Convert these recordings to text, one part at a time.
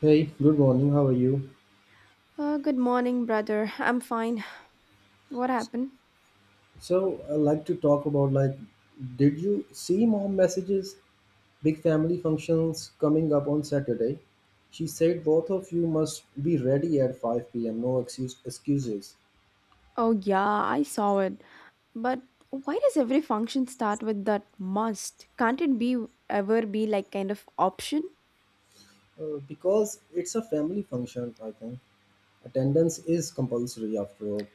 Hey, good morning. How are you? Good morning, brother. I'm fine. What happened? So, I'd like to talk about did you see mom messages? Big family functions coming up on Saturday. She said both of you must be ready at 5 p.m. No excuses. Oh, yeah, I saw it. But why does every function start with that must? Can't it be ever be like kind of option? Because it's a family function, I think. Attendance is compulsory after all.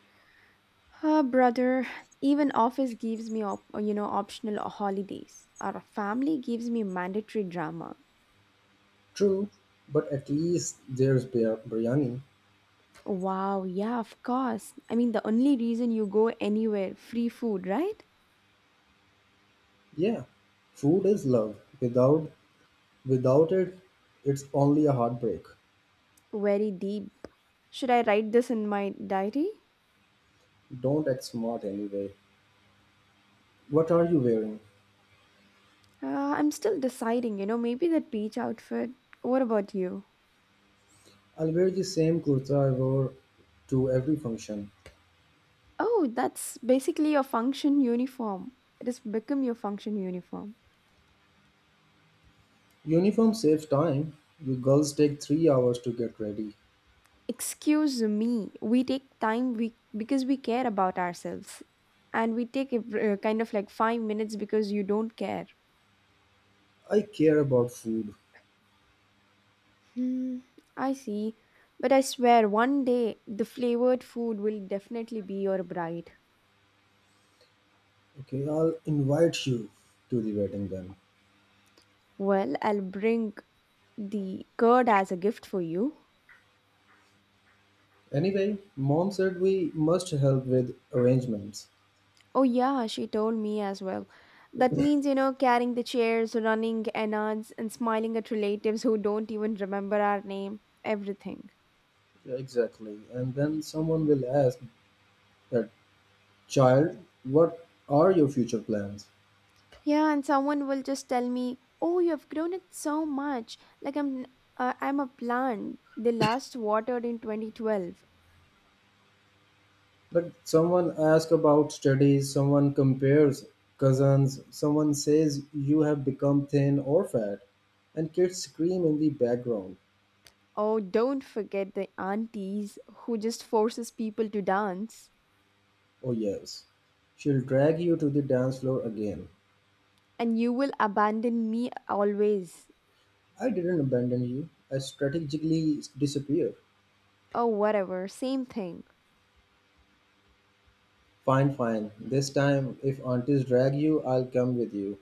Ah, brother, even office gives me optional holidays. Our family gives me mandatory drama. True, but at least there's biryani. Wow, yeah, of course. I mean, the only reason you go anywhere, free food, right? Yeah, food is love. Without it, it's only a heartbreak. Very deep. Should I write this in my diary? Don't act smart anyway. What are you wearing? I'm still deciding, you know, maybe that beach outfit. What about you? I'll wear the same kurta I wore to every function. Oh, that's basically your function uniform. It has become your function uniform. Uniform saves time. You girls take 3 hours to get ready. Excuse me, we take time we because we care about ourselves, and we take kind of like 5 minutes because you don't care. I care about food. Hmm, I see, but I swear one day the flavored food will definitely be your bride. Okay, I'll invite you to the wedding then. Well, I'll bring the curd as a gift for you. Anyway, mom said we must help with arrangements. Oh, yeah, she told me as well. That means, you know, carrying the chairs, running announcements, and smiling at relatives who don't even remember our name, everything. Yeah, exactly. And then someone will ask that child, what are your future plans? Yeah, and someone will just tell me, "Oh, you have grown it so much. Like I'm a plant. They last watered in 2012." But someone asks about studies, someone compares cousins, someone says you have become thin or fat, and kids scream in the background. Oh, don't forget the aunties who just forces people to dance, Oh, yes. She'll drag you to the dance floor again. and you will abandon me always. I didn't abandon you. I strategically disappeared. Oh, whatever, same thing. Fine, fine. This time, if aunties drag you, I'll come with you.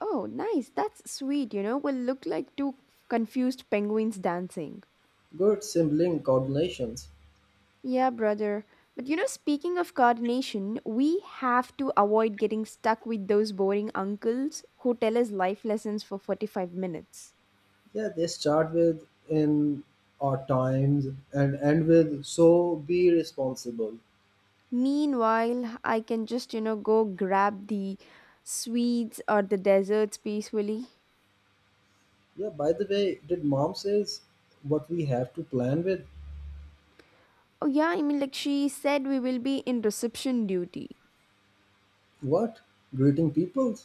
Oh, nice. That's sweet, you know. Will look like two confused penguins dancing. Good sibling coordinations. Yeah, brother. But you know, speaking of coordination, we have to avoid getting stuck with those boring uncles who tell us life lessons for 45 minutes. Yeah, they start with in our times and end with so be responsible. Meanwhile, I can just, you know, go grab the sweets or the desserts peacefully. Yeah, by the way, did mom says what we have to plan with? Oh, yeah, I mean, like she said, we will be in reception duty. What? Greeting people?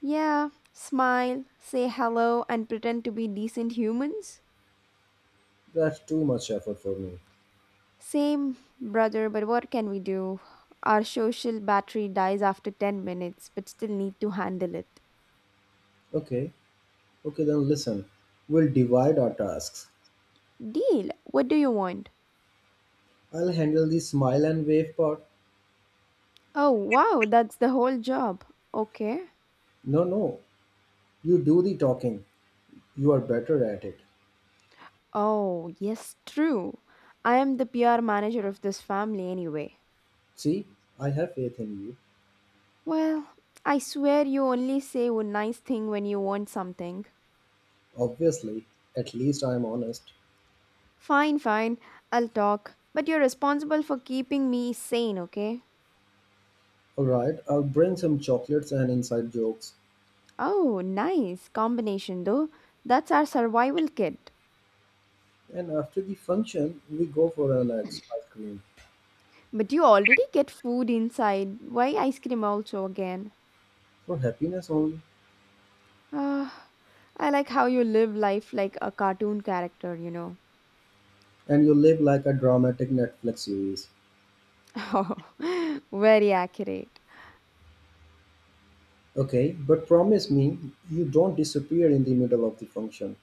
Yeah, smile, say hello, and pretend to be decent humans. That's too much effort for me. Same, brother, but what can we do? Our social battery dies after 10 minutes, but still need to handle it. Okay, okay, then listen. We'll divide our tasks. Deal, what do you want? I'll handle the smile and wave part. Oh, wow, that's the whole job. Okay. No, no, you do the talking. You are better at it. Oh, yes, true. I am the PR manager of this family anyway. See, I have faith in you. Well, I swear you only say one nice thing when you want something. Obviously, at least I'm honest. Fine, fine, I'll talk. But you're responsible for keeping me sane, okay? Alright, I'll bring some chocolates and inside jokes. Oh, nice combination though. That's our survival kit. And after the function, we go for an ice cream. But you already get food inside. Why ice cream also again? For happiness only. Ah, I like how you live life like a cartoon character, you know. And you live like a dramatic Netflix series. Oh, very accurate. Okay, but promise me you don't disappear in the middle of the function.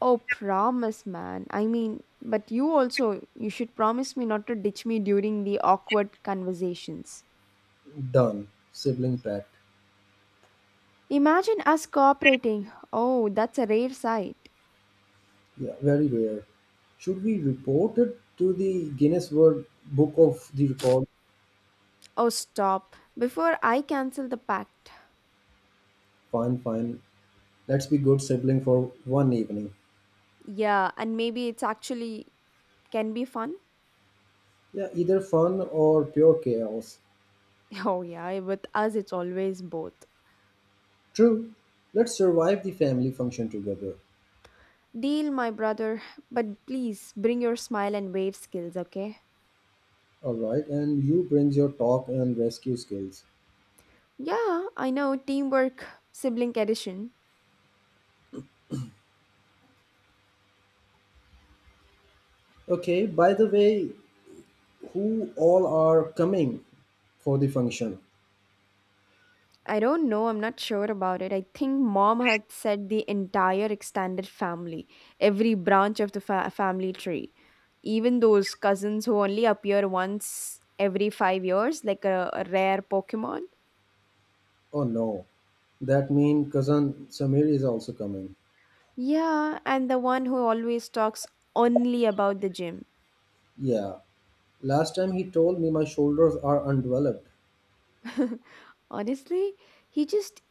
Oh, promise, man. I mean, but you also, you should promise me not to ditch me during the awkward conversations. Done. Sibling pact. Imagine us cooperating. Oh, that's a rare sight. Yeah, very rare. Should we report it to the Guinness World Book of the Record? Oh, stop. Before I cancel the pact. Fine, fine. Let's be good sibling for one evening. Yeah, and maybe it's actually can be fun. Yeah, either fun or pure chaos. Oh, yeah, with us, it's always both. True. Let's survive the family function together. Deal, my brother, but please bring your smile and wave skills, okay? All right, and you brings your talk and rescue skills. Yeah, I know, teamwork, sibling edition. Okay, by the way, who all are coming for the function. I don't know, I'm not sure about it. I think mom had said the entire extended family, every branch of the family tree. Even those cousins who only appear once every 5 years, like a rare Pokemon. Oh no, that mean cousin Samir is also coming. Yeah, and the one who always talks only about the gym. Yeah, last time he told me my shoulders are undeveloped. Honestly, he just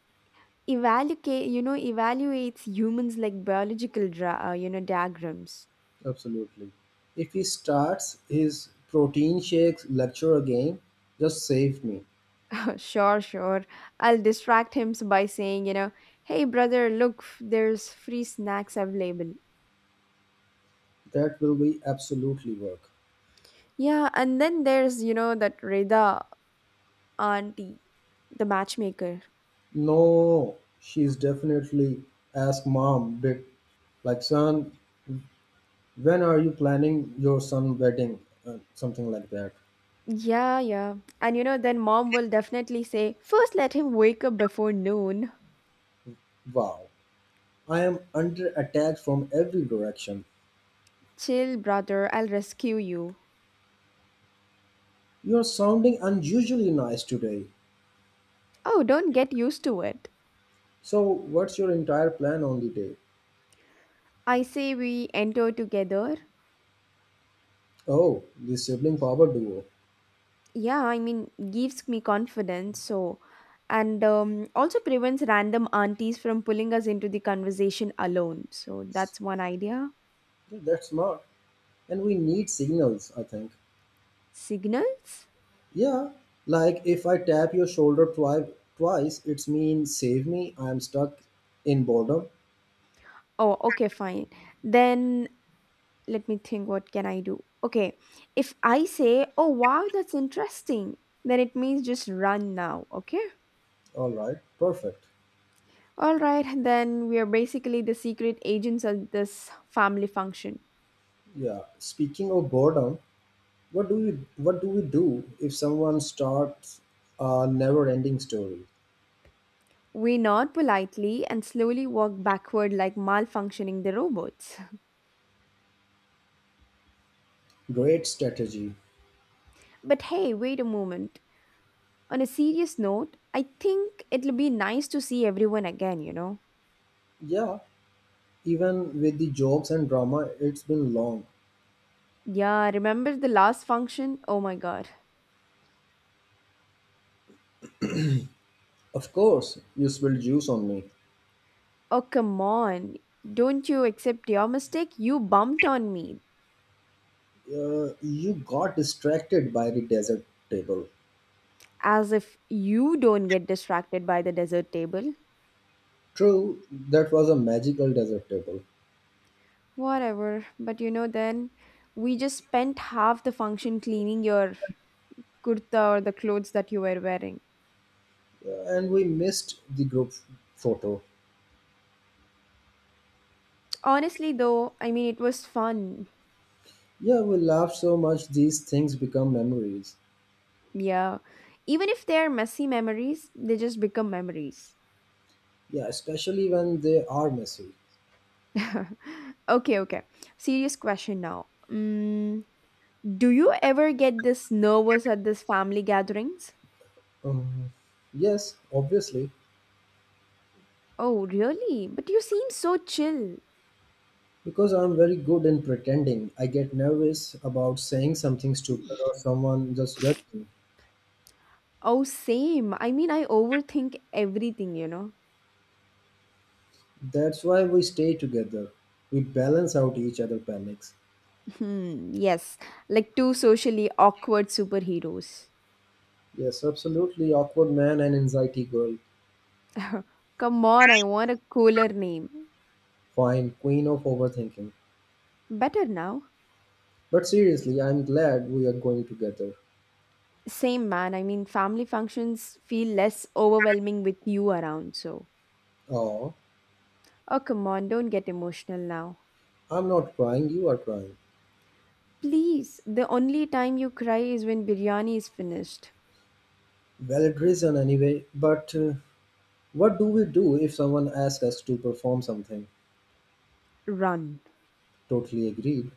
evaluates humans like biological diagrams. Absolutely. If he starts his protein shakes lecture again, just save me. Sure, sure. I'll distract him by saying, you know, hey brother, look, there's free snacks available. That will be absolutely work. Yeah, and then there's, you know, that Reda auntie, the matchmaker. No, she's definitely ask mom bit like son, when are you planning your son wedding? Something like that. Yeah, yeah. And you know, then mom will definitely say, first let him wake up before noon. Wow. I am under attack from every direction. Chill, brother, I'll rescue you. You're sounding unusually nice today. Oh, don't get used to it. So, what's your entire plan on the day? I say we enter together. Oh, the sibling power duo. Yeah, I mean, gives me confidence, so. And also prevents random aunties from pulling us into the conversation alone. So that's one idea. Yeah, that's smart. And we need signals, I think. Signals? Yeah, like if I tap your shoulder twice, it's mean save me, I'm stuck in boredom. Oh, okay, fine. Then let me think what can I do? Okay, if I say, oh, wow, that's interesting, then it means just run now, okay? All right, perfect. All right, then we are basically the secret agents of this family function. Yeah, speaking of boredom, what do we what do we do if someone starts a never-ending story? We nod politely and slowly walk backward like malfunctioning the robots. Great strategy. But hey, wait a moment. On a serious note, I think it'll be nice to see everyone again, you know? Yeah, even with the jokes and drama, it's been long. Yeah, remember the last function? Oh my god. Of course, you spilled juice on me. Oh, come on. Don't you accept your mistake? You bumped on me. You got distracted by the desert table. As if you don't get distracted by the dessert table. True, that was a magical desert table. Whatever. But you know, then we just spent half the function cleaning your kurta or the clothes that you were wearing. And we missed the group photo. Honestly, though, I mean, it was fun. Yeah, we laughed so much, these things become memories. Yeah. Even if they are messy memories, they just become memories. Yeah, especially when they are messy. Okay, okay. Serious question now. Do you ever get this nervous at this family gatherings? Um, yes, obviously. Oh, really? But you seem so chill. Because I'm very good in pretending, I get nervous about saying something stupid or someone just judge me. Oh, same. I mean, I overthink everything, you know. That's why we stay together. We balance out each other panics. Hmm, yes, like two socially awkward superheroes. Yes, absolutely. Awkward man and anxiety girl. Come on, I want a cooler name. Fine, queen of overthinking. Better now. But seriously, I'm glad we are going together. Same man, I mean, family functions feel less overwhelming with you around, so. Oh, Oh, come on, don't get emotional now. I'm not crying, you are crying. Please, the only time you cry is when biryani is finished. Valid reason anyway, but what do we do if someone asks us to perform something? Run. Totally agreed.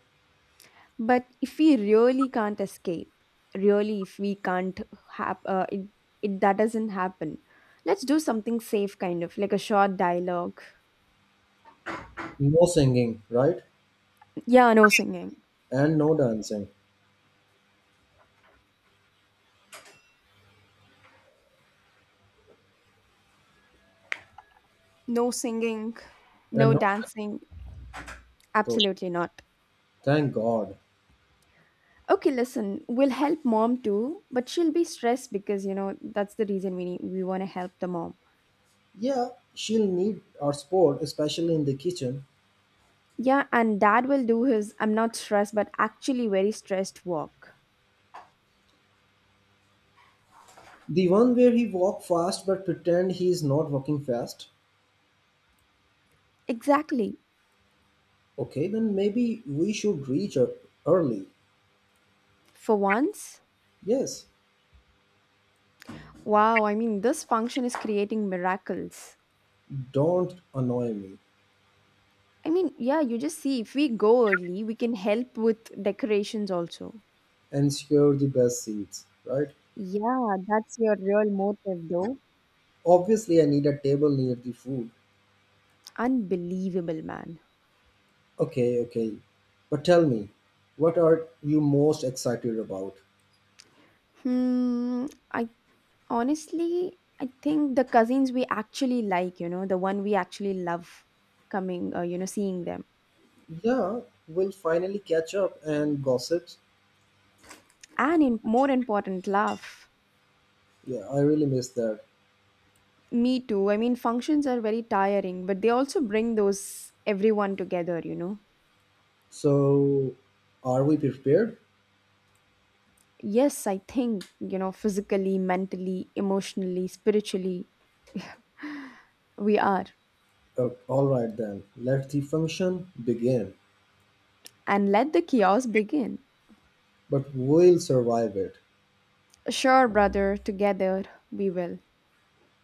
But if we really can't escape, really, if we can't have, it, it, that doesn't happen. Let's do something safe, kind of, like a short dialogue. No singing, right? Yeah, no singing. And no dancing. No singing, And no no, dancing. though, Absolutely not. thank God. Okay, listen, we'll help mom too, but she'll be stressed because, you know, that's the reason we want to help the mom. Yeah, she'll need our sport, especially in the kitchen. Yeah, and dad will do his I'm not stressed, but actually very stressed walk. The one where he walk fast but pretend he is not walking fast. Exactly. Okay, then maybe we should reach her early. For once. Yes, Wow, I mean, this function is creating miracles. don't annoy me I mean, yeah, you just see if we go early, we can help with decorations also. and secure the best seats, right? Yeah, that's your real motive though. Obviously, I need a table near the food. Unbelievable, man. Okay, okay. But tell me, what are you most excited about? Hmm. I I think the cousins we actually like, you know, the one we actually love seeing them. Yeah, we'll finally catch up and gossip. And in more important, laugh. Yeah, I really miss that. Me too. I mean, functions are very tiring, but they also bring those everyone together, you know. So, are we prepared? Yes, I think, you know, physically, mentally, emotionally, spiritually, we are. Oh, all right then, let the function begin. And let the chaos begin. But we'll survive it. Sure, brother, together we will.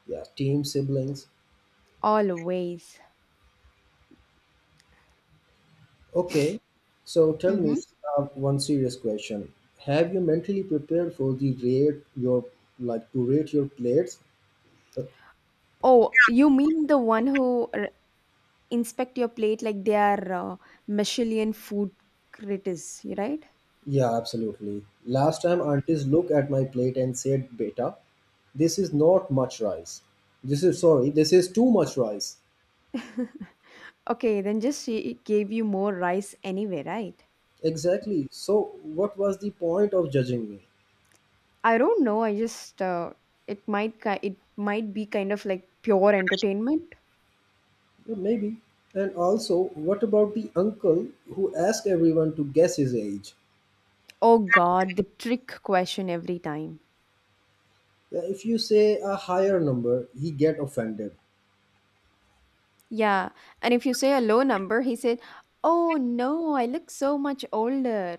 Yeah, team, siblings. Always. Okay. So tell me Mhm. One serious question. Have you mentally prepared for the rate your plates? Uh, Oh, you mean the one who inspect your plate like they are Michelin food critics, you right? yeah, absolutely. Last time aunties looked at my plate and said, "Beta, this is not much rice. This is too much rice." Okay, then just she gave you more rice anyway, right? Exactly. So, what was the point of judging me? I don't know. I just it it might be kind of like pure entertainment. Yeah, maybe. And also, what about the uncle who asks everyone to guess his age? Oh God, the trick question every time. If you say a higher number, he get offended. Yeah, and if you say a low number, he said, "Oh no, I look so much older."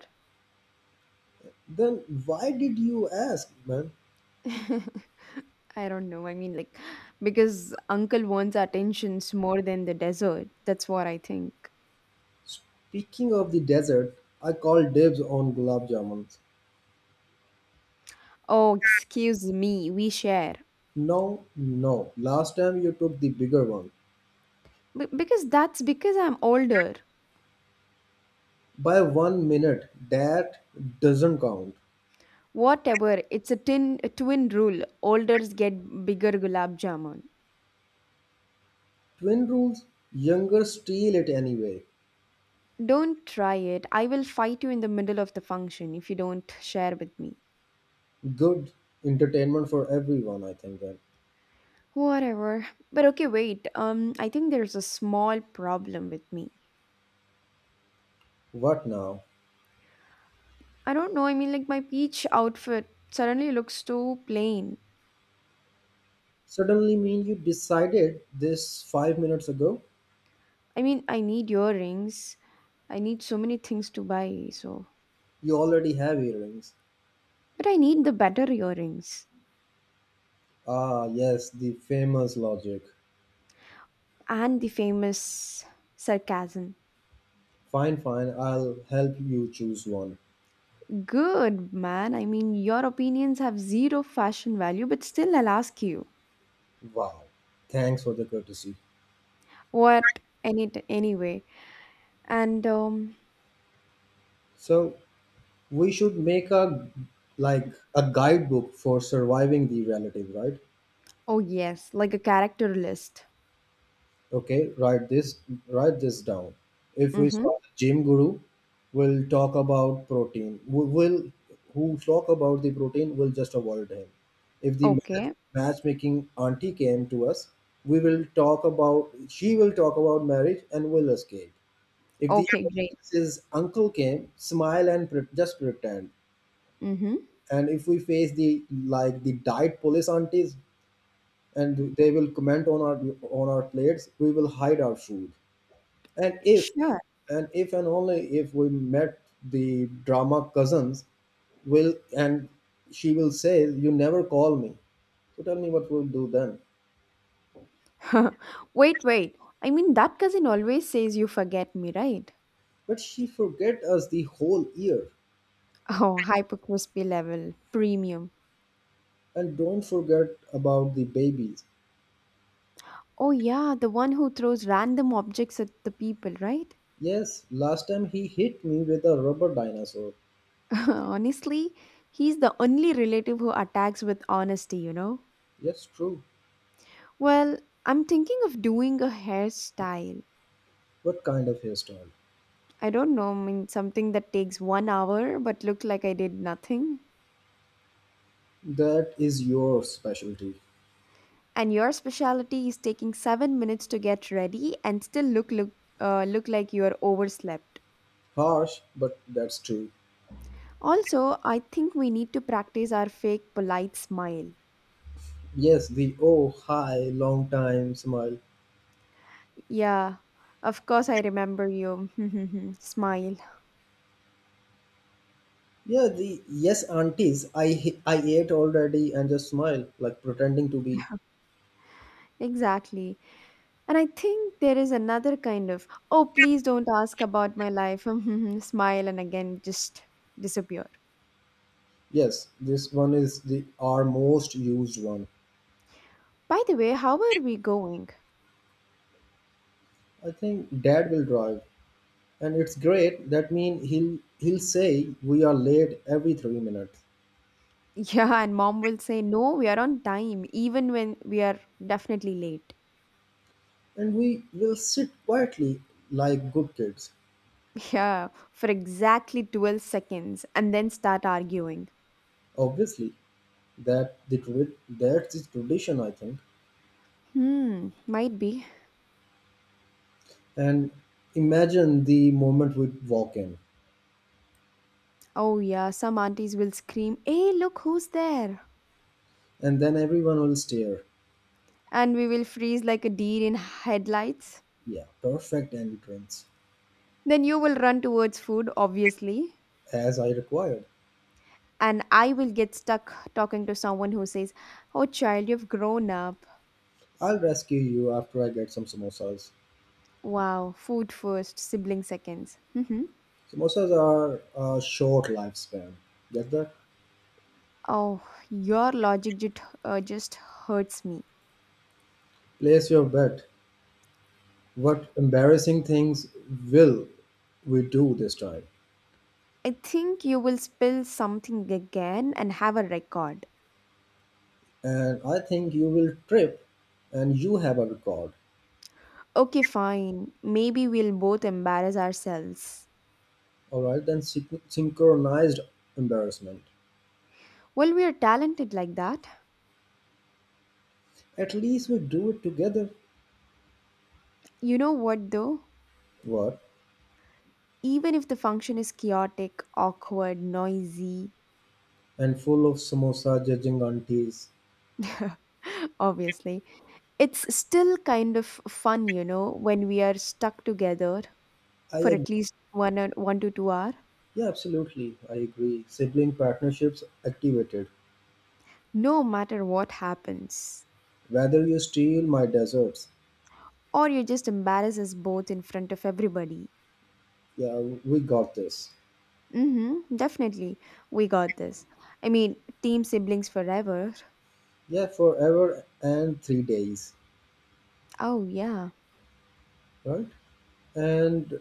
Then why did you ask, man? I don't know. I mean, like, because uncle wants our attentions more than the desert. That's what I think. Speaking of the desert, I call dibs on gulab jamuns. Oh, excuse me, we share. No, no. Last time you took the bigger one Because that's because I'm older. by 1 minute. That doesn't count. Whatever, it's a twin rule. Olders get bigger gulab jamun. Twin rules. Younger steal it anyway. Don't try it. I will fight you in the middle of the function if you don't share with me. Good entertainment for everyone, I think. Then Whatever. But okay, wait. I think there's a small problem with me. what now? I don't know. I mean, like, my peach outfit suddenly looks too plain. Suddenly mean you decided this 5 minutes ago? I mean, I need earrings. I need so many things to buy, so. You already have earrings. But I need the better earrings. Ah, yes, the famous logic. And the famous sarcasm. Fine, fine, I'll help you choose one. Good, man. I mean, your opinions have zero fashion value, but still, I'll ask you. Wow, thanks for the courtesy. What? Anyway. And, um, So, we should make a like a guidebook for surviving the relative, right? oh, yes, like a character list. Okay, write this down. If Mm we hmm. saw the gym guru, we'll talk about protein. We will who talk about the protein will just avoid him. If the match, Okay. matchmaking auntie came to us, we will talk about she will talk about marriage and will escape. If the Okay, great. his uncle came, smile and just pretend. Mm hmm. And if we face the like the diet police aunties and they will comment on our plates, we will hide our food. And if, Sure. and if and only if we met the drama cousins, will and she will say, "You never call me." So tell me what we'll do then. Wait, wait. I mean, that cousin always says you forget me, right? But she forget us the whole year, Oh, hyper crispy level, premium. and don't forget about the babies. Oh, yeah, the one who throws random objects at the people, right? Yes, last time he hit me with a rubber dinosaur. Honestly, he's the only relative who attacks with honesty, you know? Yes, true. Well, I'm thinking of doing a hairstyle. What kind of hairstyle? I don't know, I mean, something that takes 1 hour but look like I did nothing. That is your specialty. And your specialty is taking 7 minutes to get ready and still look like you're overslept. Harsh, but that's true. Also, I think we need to practice our fake polite smile. Yes, the oh hi, long time smile. Yeah, of course I remember you. Smile. Yeah, the yes aunties I ate already and just smile like pretending to be Exactly. And I think there is another kind of, oh, please don't ask about my life. Smile and again just disappear. yes. This one is the our most used one. By the way, how are we going? I think dad will drive and it's great. That mean he'll say we are late every 3 minutes Yeah, and mom will say, no, we are on time, even when we are definitely late. and we will sit quietly like good kids. Yeah, for exactly 12 seconds and then start arguing. Obviously, that's the tradition I think. Hmm, might be. And imagine the moment we walk in Oh, yeah, some aunties will scream, hey, look who's there. and then everyone will stare. And we will freeze like a deer in headlights. Yeah, perfect entrance. Then you will run towards food, obviously, As I required. and I will get stuck talking to someone who says, oh, child, you've grown up. I'll rescue you after I get some samosas. Wow, food first, sibling seconds. Hmm. Samosas are a short lifespan. Get that? Oh, your logic just hurts me. Place your bet. What embarrassing things will we do this time? I think you will spill something again and have a record. And I think you will trip and you have a record. Okay, fine. Maybe we'll both embarrass ourselves. All right, then synchronized embarrassment. Well, we are talented like that. At least we do it together. You know what, though? What? Even if the function is chaotic, awkward, noisy, And full of samosa judging aunties. obviously, it's still kind of fun, when we are stuck together I for agree. at least one to two hour, Yeah, absolutely. I agree. Sibling partnerships activated. no matter what happens. Whether you steal my deserts, Or you just embarrass us both in front of everybody. yeah, we got this. Mm-hmm, definitely. We got this. I mean, team siblings forever. Yeah, forever and 3 days, Oh, yeah. right? And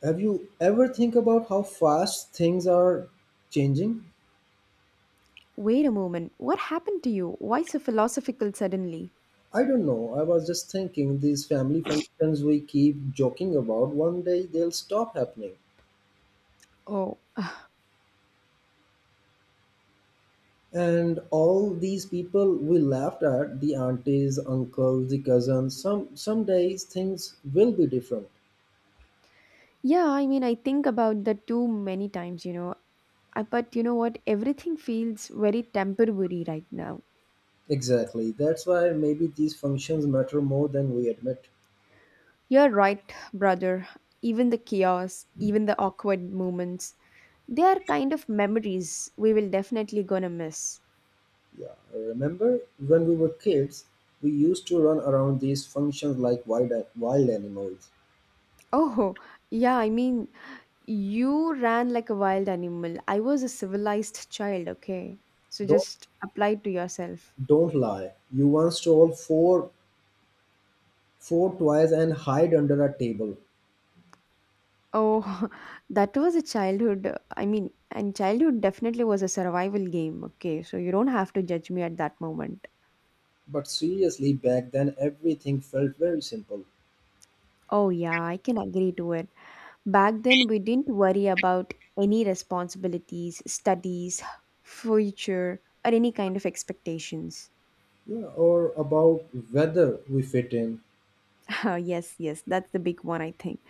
have you ever think about how fast things are changing? Wait a moment. What happened to you? Why so philosophical suddenly? I don't know. I was just thinking these family functions we keep joking about, one day they'll stop happening. Oh, And all these people we laughed at, the aunties, uncles, the cousins, some days things will be different. Yeah, I mean, I think about that too many times. But you know what? Everything feels very temporary right now. Exactly. That's why maybe these functions matter more than we admit. You're right, brother. Even the chaos, even the awkward moments, they are kind of memories we will definitely gonna miss. Yeah. Remember, when we were kids, we used to run around these functions like wild animals. Oh, yeah, I mean, you ran like a wild animal. I was a civilized child, okay? So Don't just apply it to yourself. don't lie. You once stole four toys and hide under a table. Oh, that was a childhood. I mean, and childhood definitely was a survival game. Okay, so you don't have to judge me at that moment. But seriously, back then everything felt very simple. Oh, yeah, I can agree to it. Back then, we didn't worry about any responsibilities, studies, future, or any kind of expectations. Yeah. Or about whether we fit in. Yes, yes, that's the big one, I think.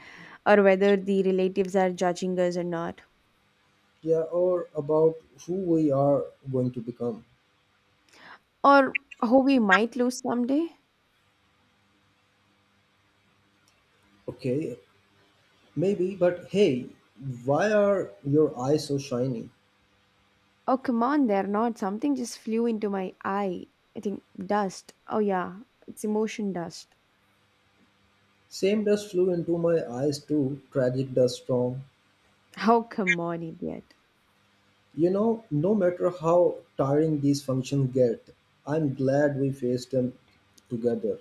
Or whether the relatives are judging us or not, Yeah. Or about who we are going to become. or how we might lose someday. Okay, maybe, but hey, why are your eyes so shiny? Oh, come on, they're not. Something just flew into my eye. I think dust. Oh, yeah, it's emotion dust. Same dust flew into my eyes too, tragic dust storm. Oh, come on, idiot. You know, no matter how tiring these functions get, I'm glad we faced them together.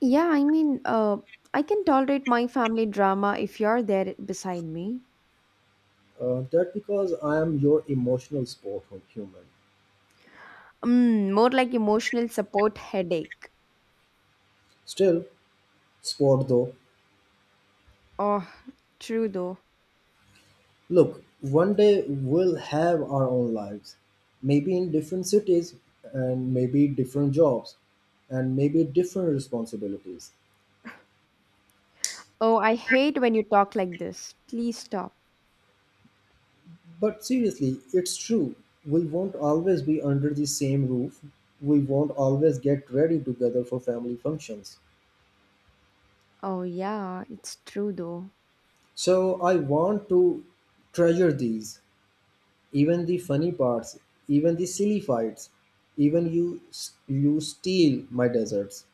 Yeah, I mean, I can tolerate my family drama if you're there beside me. That because I am your emotional sport human. Mm, more like emotional support headache. Still, sport though. Oh, true though. Look, one day we'll have our own lives. Maybe in different cities and maybe different jobs and maybe different responsibilities. Oh, I hate when you talk like this. Please stop. But seriously, it's true. We won't always be under the same roof. We won't always get ready together for family functions. Oh, yeah, it's true though. So I want to treasure these, even the funny parts, even the silly fights, even you you steal my desserts.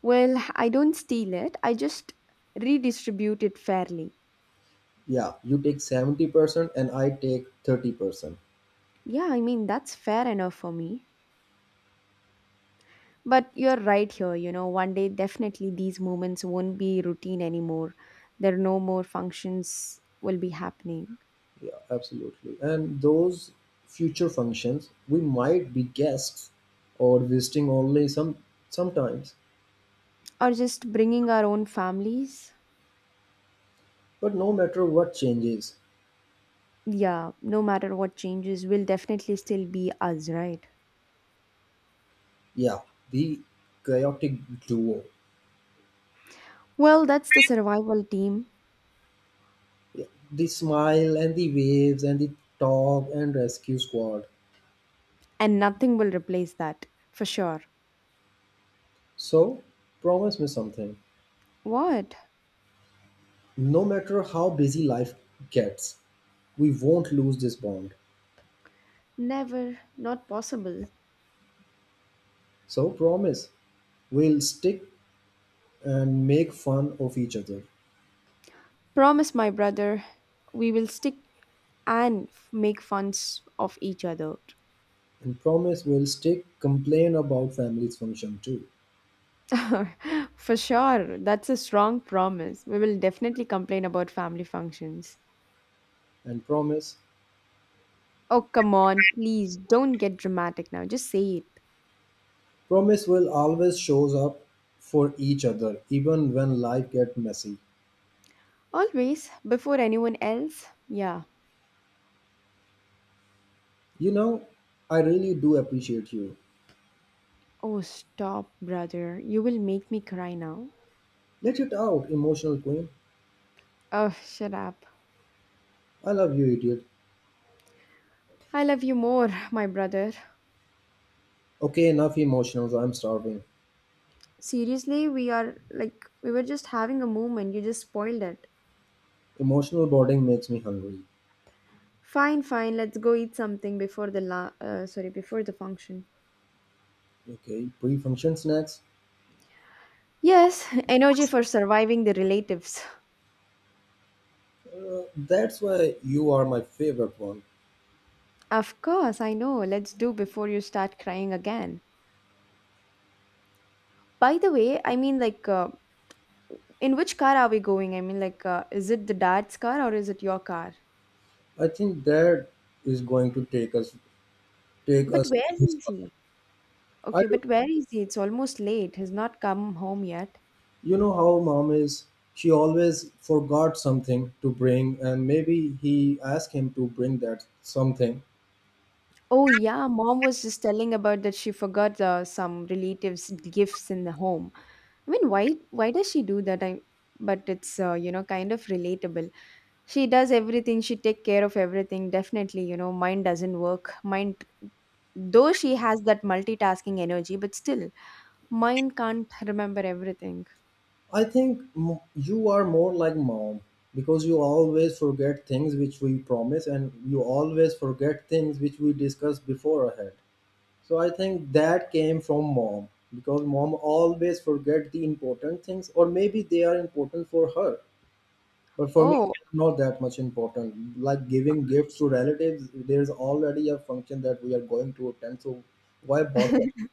Well, I don't steal it, I just redistribute it fairly. Yeah, you take 70% and I take 30%. Yeah, I mean, that's fair enough for me. But you're right here, one day definitely these moments won't be routine anymore. There are no more functions will be happening. Yeah, absolutely. And those future functions, we might be guests or visiting only sometimes. Or just bringing our own families. But no matter what changes, Yeah, no matter what changes, we'll definitely still be us, right? yeah, the chaotic duo, Well, that's the survival team, yeah, the smile and the waves and the talk and rescue squad. and nothing will replace that, for sure. So, promise me something. What? No matter how busy life gets, we won't lose this bond. Never. Not possible. So, promise we'll stick and make fun of each other. Promise, my brother, we will stick and make funs of each other. And promise we'll stick, complain about family's function too. For sure, that's a strong promise. We will definitely complain about family functions. And promise Oh, come on, please don't get dramatic now. Just say it. Promise will always shows up for each other even when life get messy. Always, before anyone else. Yeah. You know, I really do appreciate you. Oh, stop, brother. You will make me cry now. Let it out, emotional queen. Oh, shut up. I love you, idiot. I love you more, my brother. Okay, enough emotionals. I'm starving. Seriously, we were just having a moment. You just spoiled it. Emotional boarding makes me hungry. Fine, fine. Let's go eat something before the sorry, before the function. Okay, pre-function snacks. Yes, energy for surviving the relatives. That's why you are my favorite one. Of course, I know. Let's do before you start crying again. By the way, I mean, like, in which car are we going? I mean, like, is it the dad's car or is it your car? I think that is going to take But us. where is he? I Okay, but where is he? It's almost late. He's not come home yet. You know how mom is? She always forgot something to bring, and maybe he asked him to bring that something. Oh, yeah, mom was just telling about that she forgot some relatives' gifts in the home. I mean, why does she do that? I But it's kind of relatable. She does everything. She take care of everything. Definitely, mine doesn't work. Mind though she has that multitasking energy, but still, mind can't remember everything. I think you are more like mom because you always forget things which we promise, and you always forget things which we discuss before ahead. So I think that came from mom because mom always forget the important things, or maybe they are important for her. But for me Oh, it's not that much important, like giving gifts to relatives. There's already a function that we are going to attend, so why bother?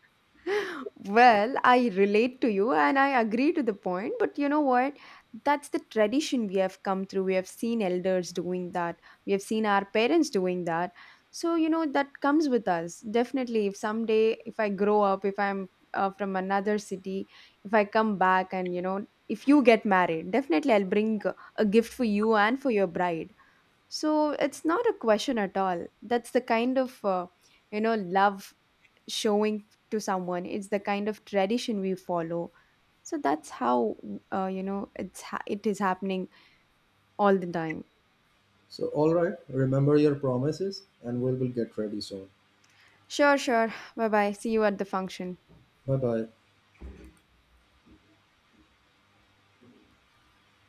Well, I relate to you and I agree to the point, but you know what? That's the tradition we have come through. We have seen elders doing that, we have seen our parents doing that. So, that comes with us. Definitely, if someday, if I grow up, if I'm from another city, if I come back and if you get married, definitely I'll bring a gift for you and for your bride. So, it's not a question at all. That's the kind of, love showing to someone it's the kind of tradition we follow, so that's how it's it is happening all the time. So all right, remember your promises and we will get ready soon. Sure, sure. Bye bye. See you at the function. Bye bye.